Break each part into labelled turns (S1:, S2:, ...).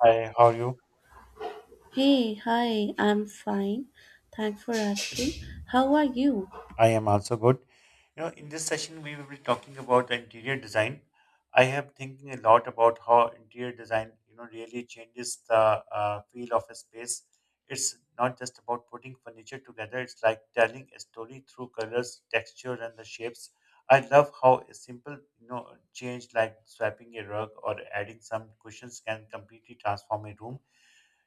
S1: Hi, how are you?
S2: Hey, hi, I'm fine. Thanks for asking. How are you?
S1: I am also good. In this session, we will be talking about the interior design. I have thinking a lot about how interior design, really changes the feel of a space. It's not just about putting furniture together. It's like telling a story through colors, textures, and the shapes. I love how a simple, change like swapping a rug or adding some cushions can completely transform a room.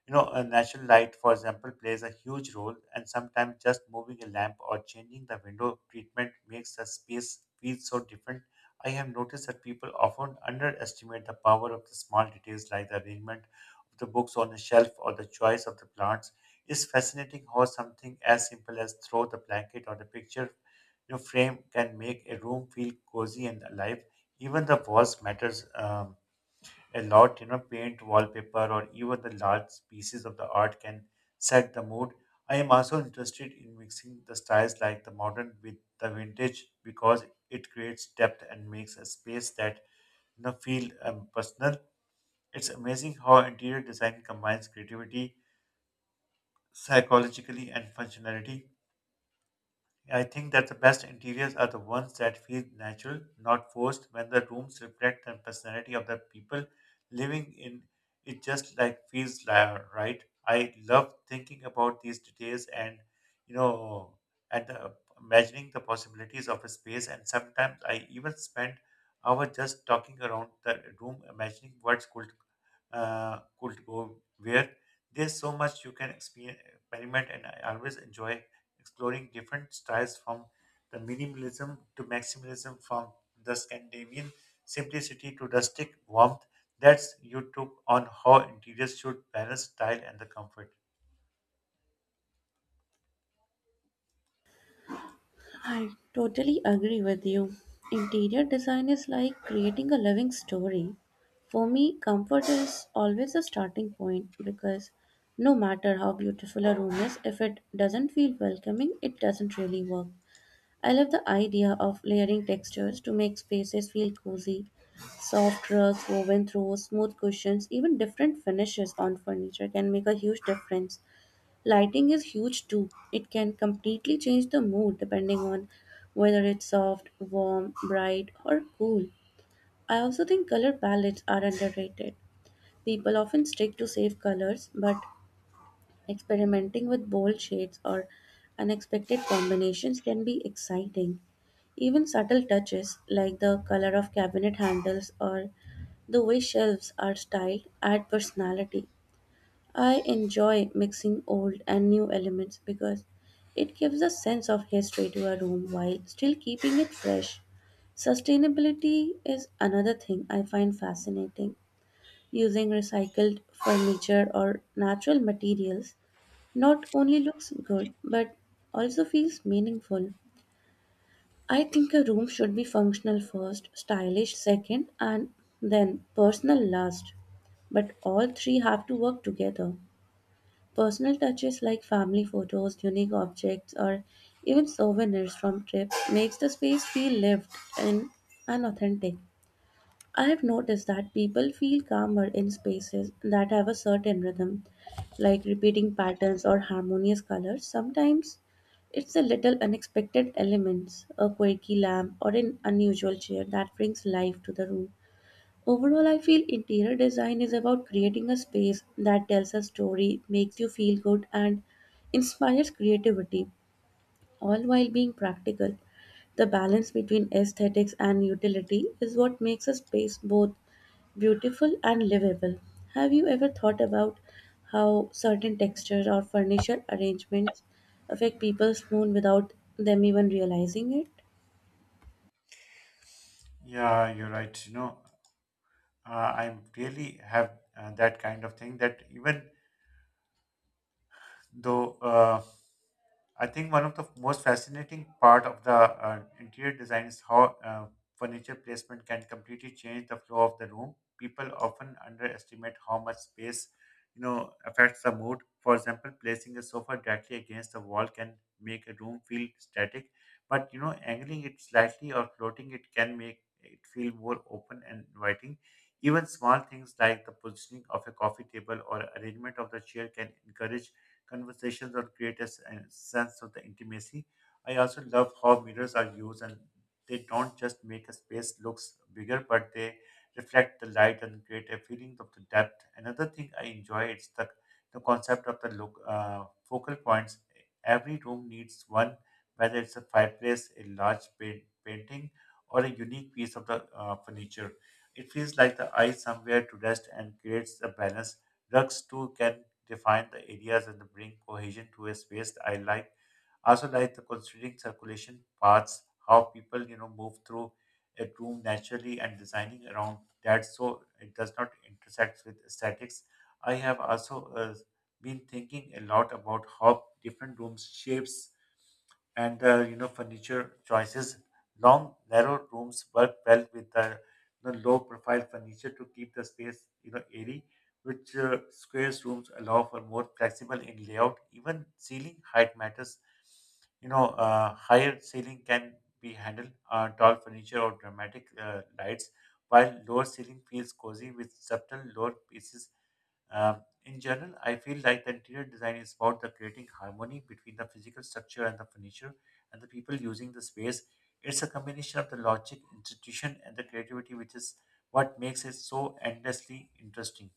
S1: A natural light, for example, plays a huge role, and sometimes just moving a lamp or changing the window treatment makes a space feel so different. I have noticed that people often underestimate the power of the small details like the arrangement of the books on a shelf or the choice of the plants. It's fascinating how something as simple as throw the blanket or the picture frame can make a room feel cozy and alive. Even the walls matters. A lot. You know, paint, wallpaper, or even the large pieces of the art can set the mood. I am also interested in mixing the styles like the modern with the vintage because it creates depth and makes a space that feel personal. It's amazing how interior design combines creativity, psychologically, and functionality. I think that the best interiors are the ones that feel natural, not forced, when the rooms reflect the personality of the people living in it just like right. I love thinking about these details and you know and the, imagining the possibilities of a space, and sometimes I even spend hours just talking around the room imagining what could go where. There's so much you can experiment, and I always enjoy exploring different styles from the minimalism to maximalism, from the Scandinavian simplicity to rustic warmth. That's you took on how interiors should balance style and the comfort.
S2: I totally agree with you. Interior design is like creating a living story. For me, comfort is always a starting point because no matter how beautiful a room is, if it doesn't feel welcoming, it doesn't really work. I love the idea of layering textures to make spaces feel cozy. Soft rugs woven through smooth cushions, even different finishes on furniture can make a huge difference. Lighting is huge too. It can completely change the mood depending on whether it's soft, warm, bright, or cool. I also think color palettes are underrated. People often stick to safe colors, but experimenting with bold shades or unexpected combinations can be exciting. Even subtle touches like the color of cabinet handles or the way shelves are styled add personality. I enjoy mixing old and new elements because it gives a sense of history to a room while still keeping it fresh. Sustainability is another thing I find fascinating. Using recycled furniture or natural materials not only looks good but also feels meaningful. I think a room should be functional first, stylish second, and then personal last. But all three have to work together. Personal touches like family photos, unique objects, or even souvenirs from trips makes the space feel lived in and authentic. I've noticed that people feel calmer in spaces that have a certain rhythm, like repeating patterns or harmonious colors. Sometimes it's the little unexpected elements, a quirky lamp or an unusual chair that brings life to the room. Overall, I feel interior design is about creating a space that tells a story, makes you feel good, and inspires creativity, all while being practical. The balance between aesthetics and utility is what makes a space both beautiful and livable. Have you ever thought about how certain textures or furniture arrangements affect people's mood without them even realizing it?
S1: Yeah, you're right. Uh, I really have that kind of thing that even though. I think one of the most fascinating part of the interior design is how furniture placement can completely change the flow of the room. People often underestimate how much space, affects the mood. For example, placing a sofa directly against the wall can make a room feel static, but angling it slightly or floating it can make it feel more open and inviting. Even small things like the positioning of a coffee table or arrangement of the chair can encourage conversations or create a sense of the intimacy. I also love how mirrors are used, and they don't just make a space looks bigger, but they reflect the light and create a feeling of the depth. Another thing I enjoy is the concept of the look, focal points. Every room needs one, whether it's a fireplace, a large painting, or a unique piece of the furniture. It feels like the eye somewhere to rest and creates a balance. Rugs too can define the areas and bring cohesion to a space. I like also like the considering circulation paths, how people move through a room naturally and designing around that so it does not intersect with aesthetics. I have also been thinking a lot about how different rooms shapes and furniture choices. Long narrow rooms work well with the low profile furniture to keep the space airy, which squares rooms allow for more flexible in layout. Even ceiling height matters. Higher ceiling can be handled tall furniture or dramatic lights, while lower ceiling feels cozy with subtle lower pieces. In general, I feel like the interior design is about the creating harmony between the physical structure and the furniture and the people using the space. It's a combination of the logic, institution, and the creativity, which is what makes it so endlessly interesting.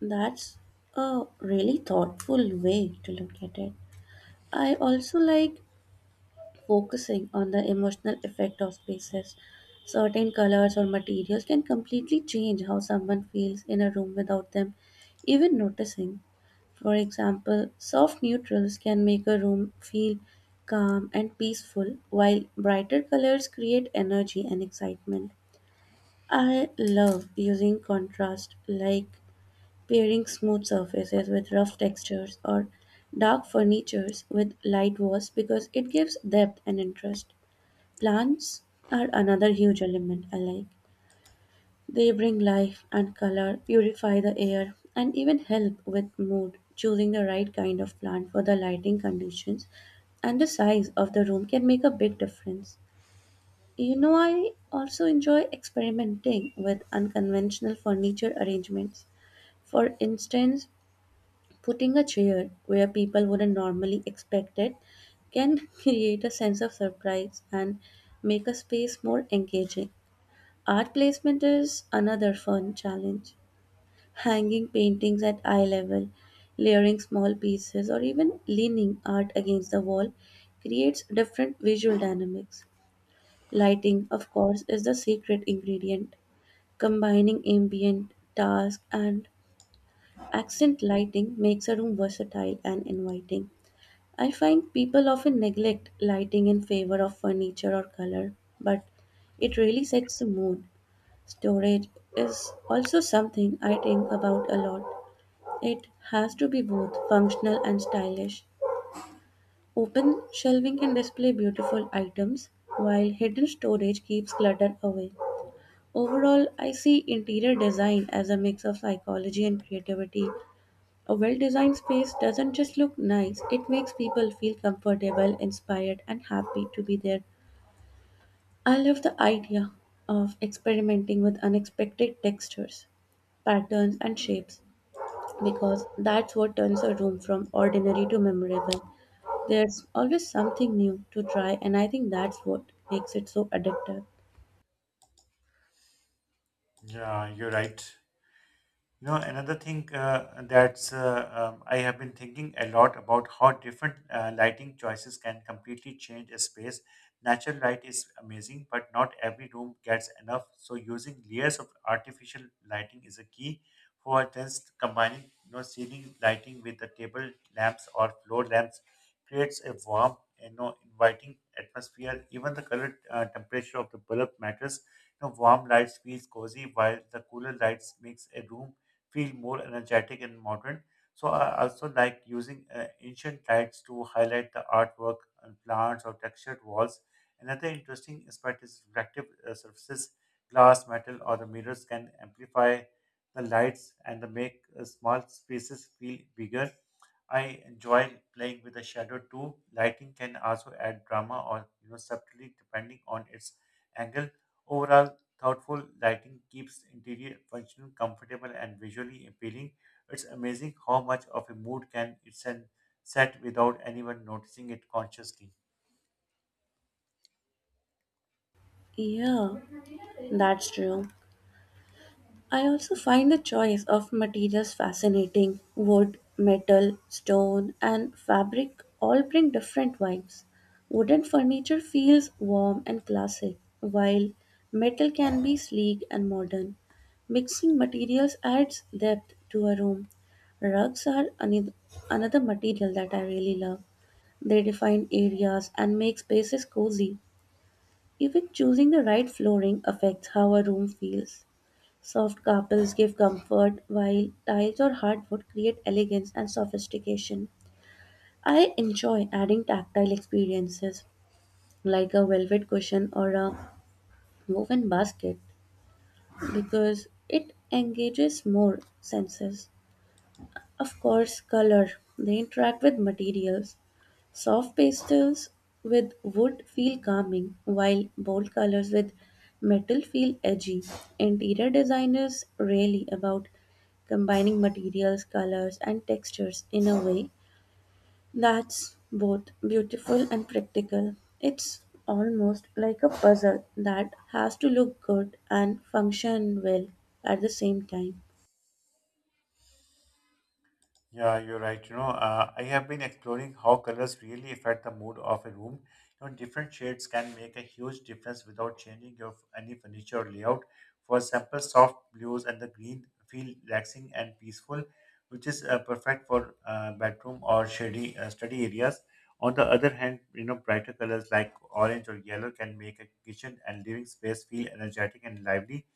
S2: That's a really thoughtful way to look at it. I also like focusing on the emotional effect of spaces. Certain colors or materials can completely change how someone feels in a room without them even noticing. For example, soft neutrals can make a room feel calm and peaceful, while brighter colors create energy and excitement. I love using contrast, like pairing smooth surfaces with rough textures or dark furnitures with light walls because it gives depth and interest. Plants are another huge element I like. They bring life and color, purify the air, and even help with mood. Choosing the right kind of plant for the lighting conditions and the size of the room can make a big difference. You know, I also enjoy experimenting with unconventional furniture arrangements. For instance, putting a chair where people wouldn't normally expect it can create a sense of surprise and make a space more engaging. Art placement is another fun challenge, hanging paintings at eye level, layering small pieces, or even leaning art against the wall creates different visual dynamics. Lighting, of course, is the secret ingredient. Combining ambient, task, and accent lighting makes a room versatile and inviting. I find people often neglect lighting in favor of furniture or color, but it really sets the mood. Storage is also something I think about a lot. It has to be both functional and stylish. Open shelving can display beautiful items, while hidden storage keeps clutter away. Overall, I see interior design as a mix of psychology and creativity. A well designed space doesn't just look nice, it makes people feel comfortable, inspired, and happy to be there. I love the idea of experimenting with unexpected textures, patterns, and shapes, because that's what turns a room from ordinary to memorable. There's always something new to try, and I think that's what makes it so addictive.
S1: Yeah, you're right. Another thing that's I have been thinking a lot about how different lighting choices can completely change a space. Natural light is amazing, but not every room gets enough. So using layers of artificial lighting is a key. For instance, combining ceiling lighting with the table lamps or floor lamps creates a warm, inviting atmosphere. Even the color temperature of the bulb matters. You know, warm lights feels cozy, while the cooler lights makes a room feel more energetic and modern. So I also like using ancient lights to highlight the artwork on plants or textured walls. Another interesting aspect is reflective surfaces. Glass, metal, or the mirrors can amplify the lights, and they make small spaces feel bigger. I enjoy playing with the shadow too. Lighting can also add drama or subtly depending on its angle. Overall, thoughtful lighting keeps interior functional, comfortable, and visually appealing. It's amazing how much of a mood can it set without anyone noticing it consciously.
S2: Yeah, that's true. I also find the choice of materials fascinating. Wood, metal, stone, and fabric all bring different vibes. Wooden furniture feels warm and classic, while metal can be sleek and modern. Mixing materials adds depth to a room. Rugs are another material that I really love. They define areas and make spaces cozy. Even choosing the right flooring affects how a room feels. Soft carpels give comfort, while tiles or hardwood create elegance and sophistication. I enjoy adding tactile experiences like a velvet cushion or a woven basket because it engages more senses. Of course, color, they interact with materials. Soft pastels with wood feel calming, while bold colors with metal feel edgy. Interior design is really about combining materials, colors, and textures in a way that's both beautiful and practical. It's almost like a puzzle that has to look good and function well at the same time.
S1: Yeah, you're right. I have been exploring how colors really affect the mood of a room. You know, different shades can make a huge difference without changing your any furniture or layout. For example, soft blues and the green feel relaxing and peaceful, which is perfect for bedroom or shady study areas. On the other hand, brighter colors like orange or yellow can make a kitchen and living space feel energetic and lively.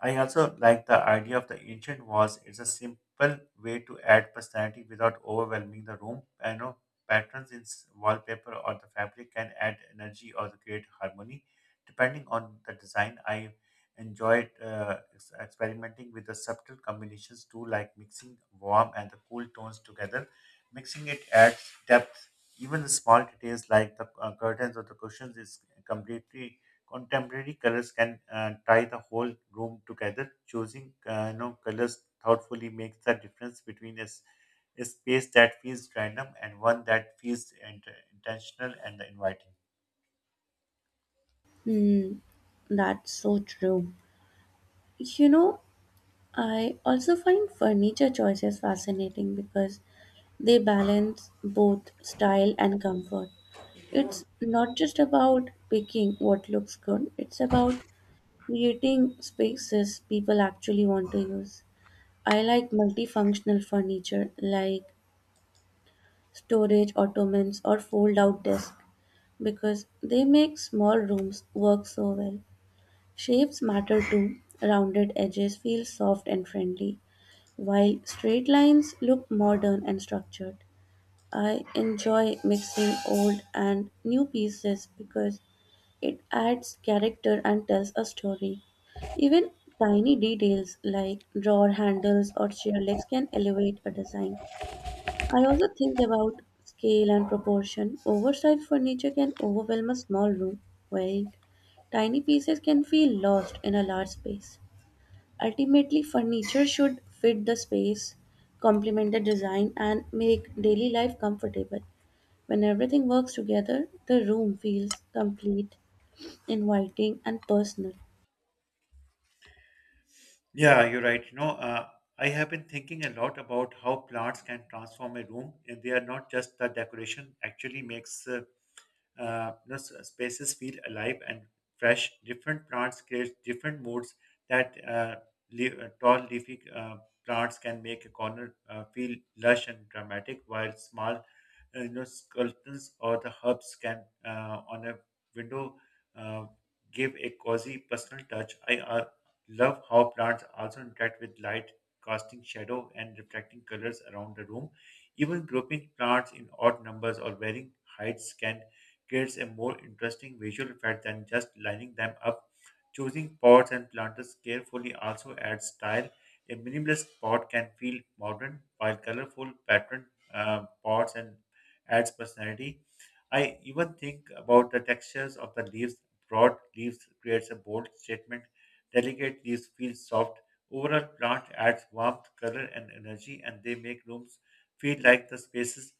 S1: I also like the idea of the ancient walls. It's a simple way to add personality without overwhelming the room. I know patterns in wallpaper or the fabric can add energy or create harmony. Depending on the design, I enjoyed experimenting with the subtle combinations too, like mixing warm and the cool tones together. Mixing it adds depth. Even the small details like the curtains or the cushions is completely contemporary colors can tie the whole room together. Choosing colors thoughtfully makes the difference between a space that feels random and one that feels intentional and inviting.
S2: Hmm, that's so true. You know, I also find furniture choices fascinating because they balance both style and comfort. It's not just about picking what looks good, it's about creating spaces people actually want to use. I like multifunctional furniture like storage ottomans or fold out desks because they make small rooms work so well. Shapes matter too. Rounded edges feel soft and friendly, while straight lines look modern and structured. I enjoy mixing old and new pieces because it adds character and tells a story. Even tiny details like drawer handles or chair legs can elevate a design. I also think about scale and proportion. Oversized furniture can overwhelm a small room, while tiny pieces can feel lost in a large space. Ultimately, furniture should fit the space, complement the design, and make daily life comfortable. When everything works together, the room feels complete, inviting, and personal.
S1: Yeah, you're right. I have been thinking a lot about how plants can transform a room, and they are not just the decoration. Actually, makes spaces feel alive and fresh. Different plants create different moods that tall leafy plants can make a corner feel lush and dramatic, while small skeletons or the herbs can on a window uh, give a cozy personal touch. I love how plants also interact with light, casting shadow and reflecting colors around the room. Even grouping plants in odd numbers or varying heights can creates a more interesting visual effect than just lining them up. Choosing pots and planters carefully also adds style. A minimalist pot can feel modern, while colorful pattern pots and adds personality. I even think about the textures of the leaves. Broad leaves creates a bold statement, delicate leaves feel soft. Overall, plant adds warmth, color, and energy, and they make rooms feel like the spaces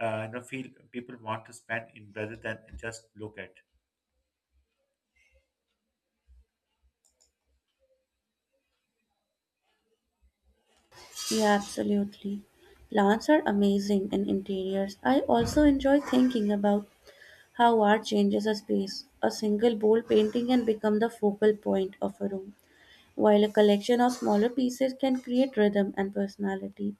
S1: feel people want to spend in rather than just look at.
S2: Yeah, absolutely. Plants are amazing in interiors. I also enjoy thinking about how art changes a space. A single bold painting can become the focal point of a room, while a collection of smaller pieces can create rhythm and personality.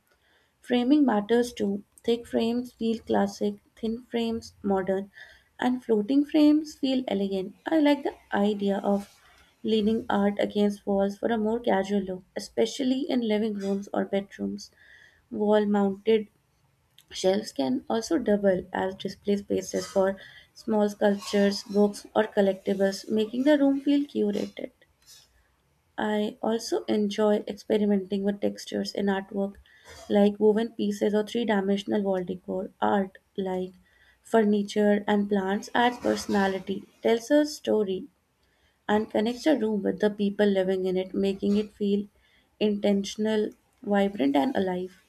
S2: Framing matters too. Thick frames feel classic, thin frames modern, and floating frames feel elegant. I like the idea of leaning art against walls for a more casual look, especially in living rooms or bedrooms. Wall mounted shelves can also double as display spaces for small sculptures, books, or collectibles, making the room feel curated. I also enjoy experimenting with textures in artwork, like woven pieces or three dimensional wall decor. Art, like furniture and plants, adds personality, tells a story, and connects a room with the people living in it, making it feel intentional, vibrant, and alive.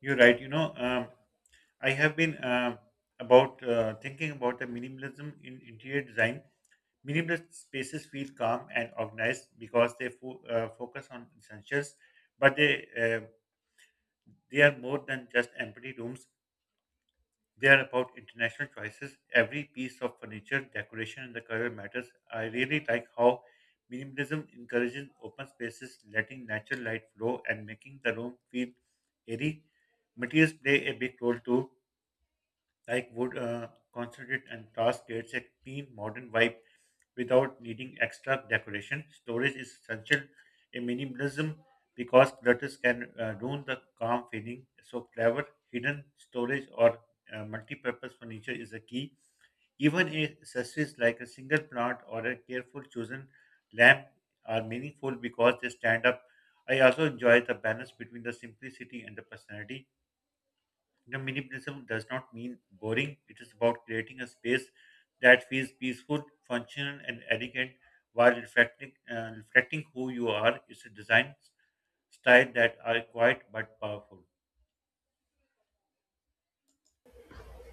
S1: You're right. I have been about thinking about the minimalism in interior design. Minimalist spaces feel calm and organized because they focus on essentials, but they are more than just empty rooms. They are about international choices. Every piece of furniture, decoration, and the color matters. I really like how minimalism encourages open spaces, letting natural light flow, and making the room feel airy. Materials play a big role too, like wood, concentrate, and glass creates a clean, modern vibe without needing extra decoration. Storage is essential in minimalism because clutters can ruin the calm feeling. So, clever hidden storage or multi-purpose furniture is a key. Even accessories like a single plant or a careful chosen lamp are meaningful because they stand up. I also enjoy the balance between the simplicity and the personality the minimalism does not mean boring. It is about creating a space that feels peaceful, functional, and elegant while reflecting who you are. It's a design style that are quiet but powerful.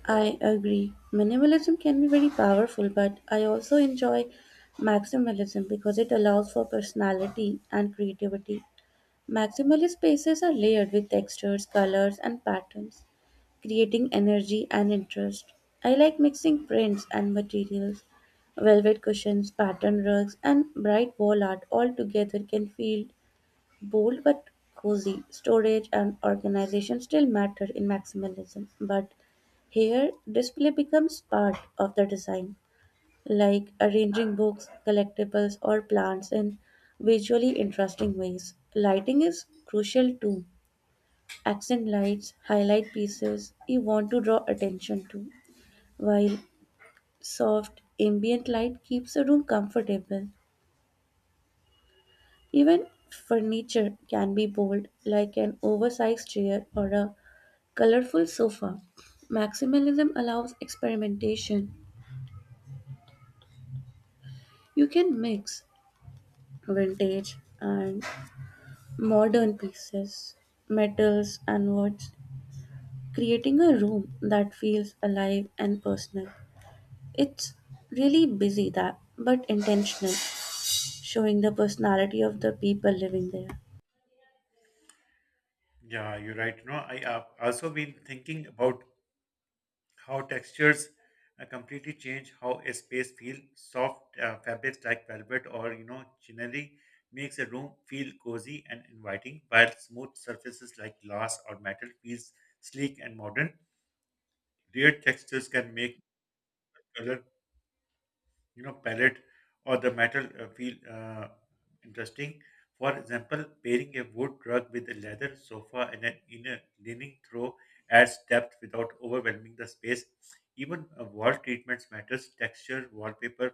S2: I agree. Minimalism can be very powerful, but I also enjoy maximalism because it allows for personality and creativity. Maximalist spaces are layered with textures, colors, and patterns, creating energy and interest. I like mixing prints and materials. Velvet cushions, pattern rugs, and bright wall art all together can feel bold but cozy. Storage and organization still matter in maximalism, but here display becomes part of the design, like arranging books, collectibles, or plants in visually interesting ways. Lighting is crucial too. Accent lights highlight pieces you want to draw attention to, while soft ambient light keeps the room comfortable. Even furniture can be bold, like an oversized chair or a colorful sofa. Maximalism allows experimentation. You can mix vintage and modern pieces, metals, and woods, creating a room that feels alive and personal. It's really busy that, but intentional, showing the personality of the people living there.
S1: Yeah, you're right. You know, I have also been thinking about how textures completely change how a space feels. Soft fabrics like velvet or chinelli makes a room feel cozy and inviting, while smooth surfaces like glass or metal feels sleek and modern. Layered textures can make color palette or the metal feel interesting. For example, pairing a wood rug with a leather sofa and an inner leaning throw adds depth without overwhelming the space. Even wall treatments matters. Texture, wallpaper,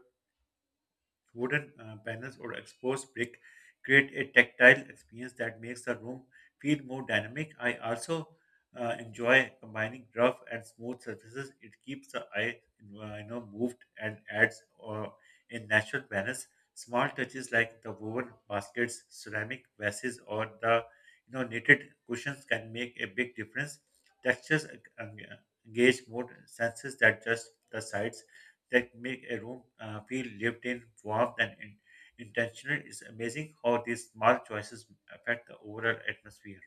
S1: wooden panels or exposed brick create a tactile experience that makes the room feel more dynamic. I also enjoy combining rough and smooth surfaces. It keeps the eye, moved and adds a natural balance. Small touches like the woven baskets, ceramic vases, or the knitted cushions can make a big difference. Textures eng- engage more senses than just the sides that make a room feel lived in, warm, and intentional. It's amazing how these small choices affect the overall atmosphere.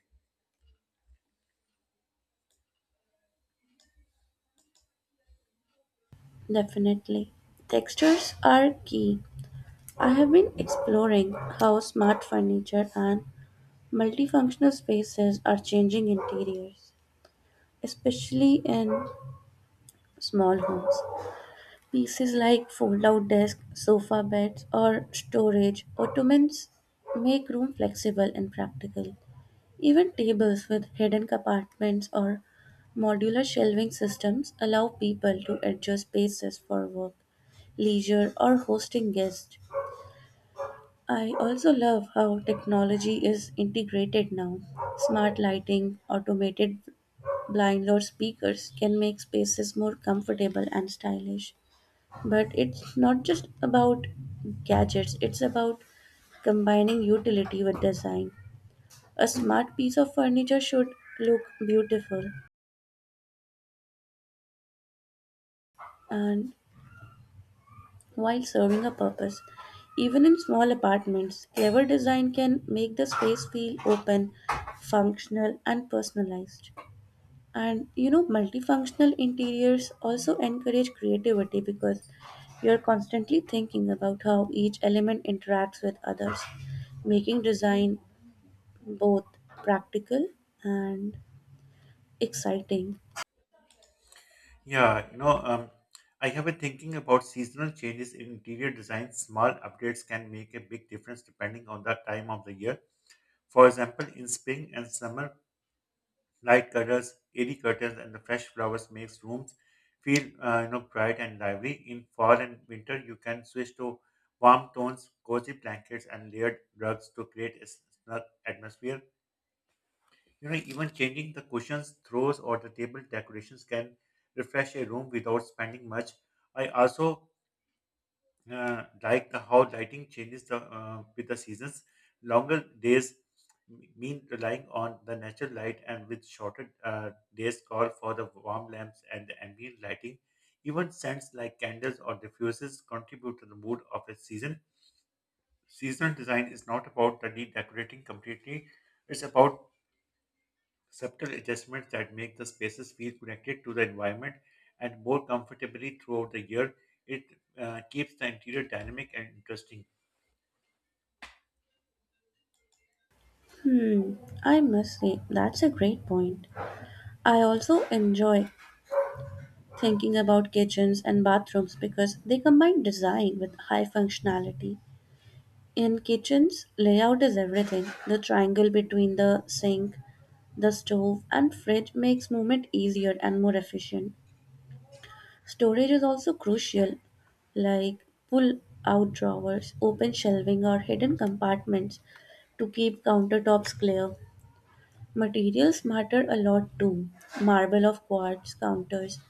S2: Definitely. Textures are key. I have been exploring how smart furniture and multifunctional spaces are changing interiors, especially in small homes. Pieces like fold-out desks, sofa beds, or storage ottomans make room flexible and practical. Even tables with hidden compartments or modular shelving systems allow people to adjust spaces for work, leisure, or hosting guests. I also love how technology is integrated now. Smart lighting, automated blinds, or speakers can make spaces more comfortable and stylish. But it's not just about gadgets, it's about combining utility with design. A smart piece of furniture should look beautiful and while serving a purpose. Even in small apartments, clever design can make the space feel open, functional, and personalized. And you know, multifunctional interiors also encourage creativity because you're constantly thinking about how each element interacts with others, making design both practical and exciting.
S1: Yeah, I have been thinking about seasonal changes in interior design. Small updates can make a big difference depending on the time of the year. For example, in spring and summer, light colors, airy curtains, and the fresh flowers makes rooms feel bright and lively. In fall and winter, you can switch to warm tones, cozy blankets, and layered rugs to create a snug atmosphere. You know, even changing the cushions, throws, or the table decorations can refresh a room without spending much. I also like the how lighting changes the, with the seasons. Longer days mean relying on the natural light, and with shorter days, call for the warm lamps and the ambient lighting. Even scents like candles or diffusers contribute to the mood of a season. Seasonal design is not about the decorating completely, it's about subtle adjustments that make the spaces feel connected to the environment and more comfortably throughout the year. It keeps the interior dynamic and interesting.
S2: Hmm, I must say, that's a great point. I also enjoy thinking about kitchens and bathrooms because they combine design with high functionality. In kitchens, layout is everything. The triangle between the sink, the stove and fridge makes movement easier and more efficient. Storage is also crucial, like pull out drawers, open shelving, or hidden compartments to keep countertops clear. Materials matter a lot too. Marble of quartz counters,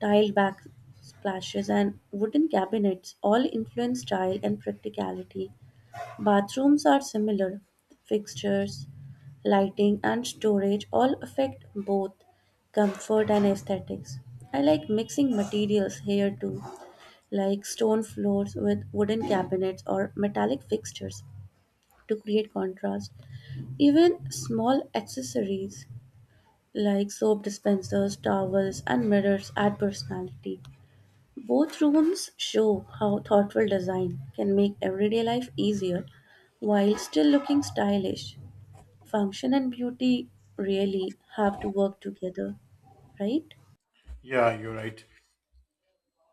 S2: tiled backsplashes, and wooden cabinets all influence style and practicality. Bathrooms are similar. Fixtures, lighting, and storage all affect both comfort and aesthetics. I like mixing materials here too, like stone floors with wooden cabinets or metallic fixtures to create contrast. Even small accessories like soap dispensers, towels, and mirrors add personality. Both rooms show how thoughtful design can make everyday life easier while still looking stylish. Function and beauty really have to work together, right?
S1: Yeah, you're right.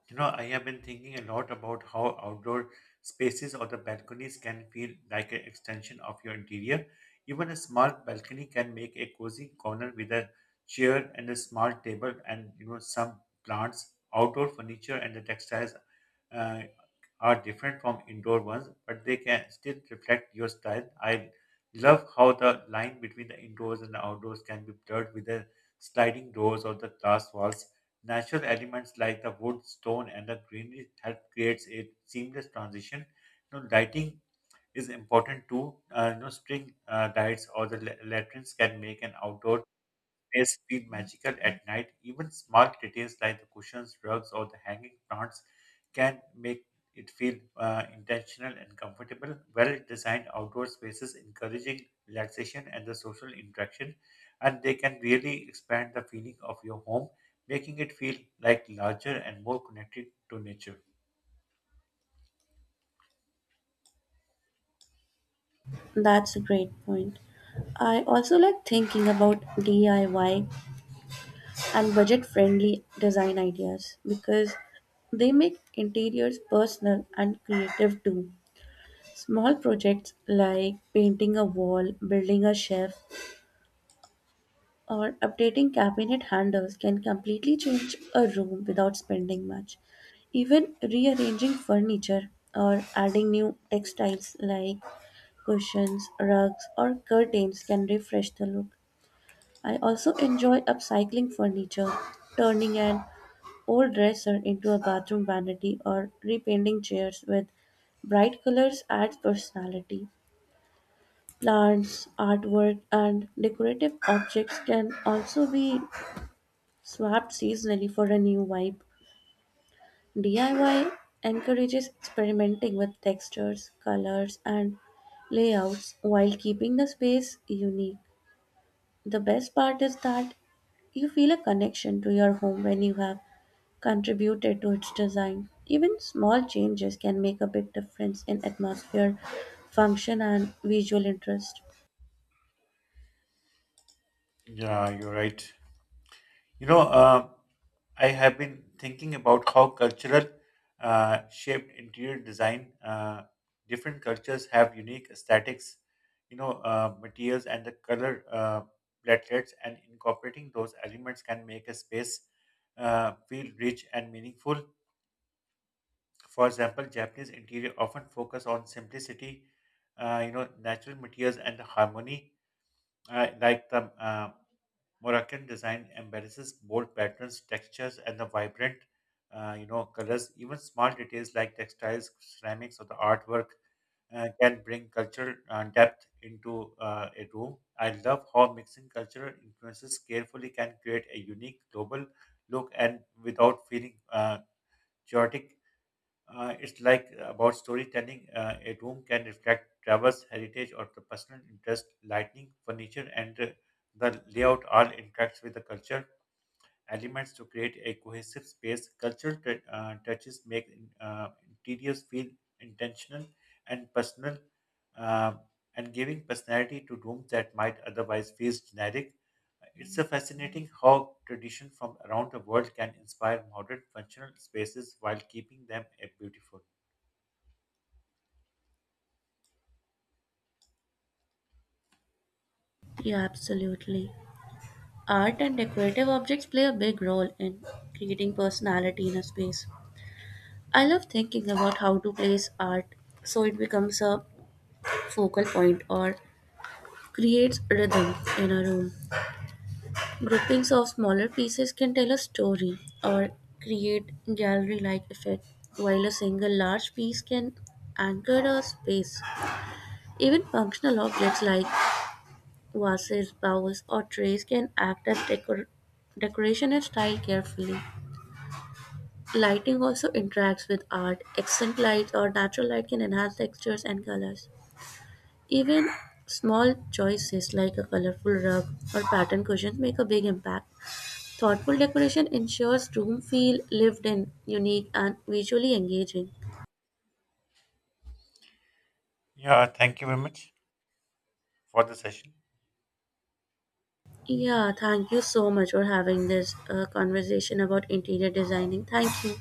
S1: You know, I have been thinking a lot about how outdoor spaces or the balconies can feel like an extension of your interior. Even a small balcony can make a cozy corner with a chair and a small table and you know some plants, outdoor furniture and the textiles uh, are different from indoor ones, but they can still reflect your style. I love how the line between the indoors and the outdoors can be blurred with the sliding doors or the glass walls. Natural elements like the wood, stone, and the greenery help creates a seamless transition. You know, lighting is important too. String lights or the lanterns can make an outdoor place feel magical at night. Even small details like the cushions, rugs, or the hanging plants can make it feel intentional and comfortable. Well designed outdoor spaces encouraging relaxation and the social interaction, and they can really expand the feeling of your home, making it feel like larger and more connected to nature.
S2: That's a great point. I also like thinking about DIY and budget friendly design ideas because they make interiors personal and creative too. Small projects like painting a wall, building a shelf, or updating cabinet handles can completely change a room without spending much. Even rearranging furniture or adding new textiles like cushions, rugs, or curtains can refresh the look. I also enjoy upcycling furniture, turning an old dresser into a bathroom vanity, or repainting chairs with bright colors adds personality. Plants, artwork, and decorative objects can also be swapped seasonally for a new vibe. DIY encourages experimenting with textures, colors, and layouts while keeping the space unique. The best part is that you feel a connection to your home when you have contributed to its design. Even small changes can make a big difference in atmosphere, function, and visual interest.
S1: Yeah, you're right. You know, I have been thinking about how cultural shaped interior design. Different cultures have unique aesthetics, materials and the color platelets, and incorporating those elements can make a space feel rich and meaningful. For example, Japanese interior often focus on simplicity, natural materials and harmony, like the Moroccan design embraces bold patterns, textures, and the vibrant, colors. Even small details like textiles, ceramics, or the artwork can bring cultural depth into a room. I love how mixing cultural influences carefully can create a unique global look and without feeling chaotic. It's like about storytelling. A room can reflect travels, heritage, or the personal interest. Lighting, furniture, and the layout all interacts with the culture elements to create a cohesive space. Cultural touches make interiors feel intentional and personal, uh, and giving personality to rooms that might otherwise feel generic. It's a fascinating how tradition from around the world can inspire modern functional spaces while keeping them beautiful.
S2: Yeah, absolutely. Art and decorative objects play a big role in creating personality in a space. I love thinking about how to place art so it becomes a focal point or creates rhythm in a room. Groupings of smaller pieces can tell a story or create gallery like effect, while a single large piece can anchor a space. Even functional objects like vases, bowls, or trays can act as decoration and style carefully. Lighting also interacts with art. Accent lights or natural light can enhance textures and colors. Even small choices like a colorful rug or patterned cushions make a big impact. Thoughtful decoration ensures room feel lived in, unique, and visually engaging.
S1: Yeah, thank you very much for the session.
S2: Yeah, thank you so much for having this conversation about interior designing. Thank you.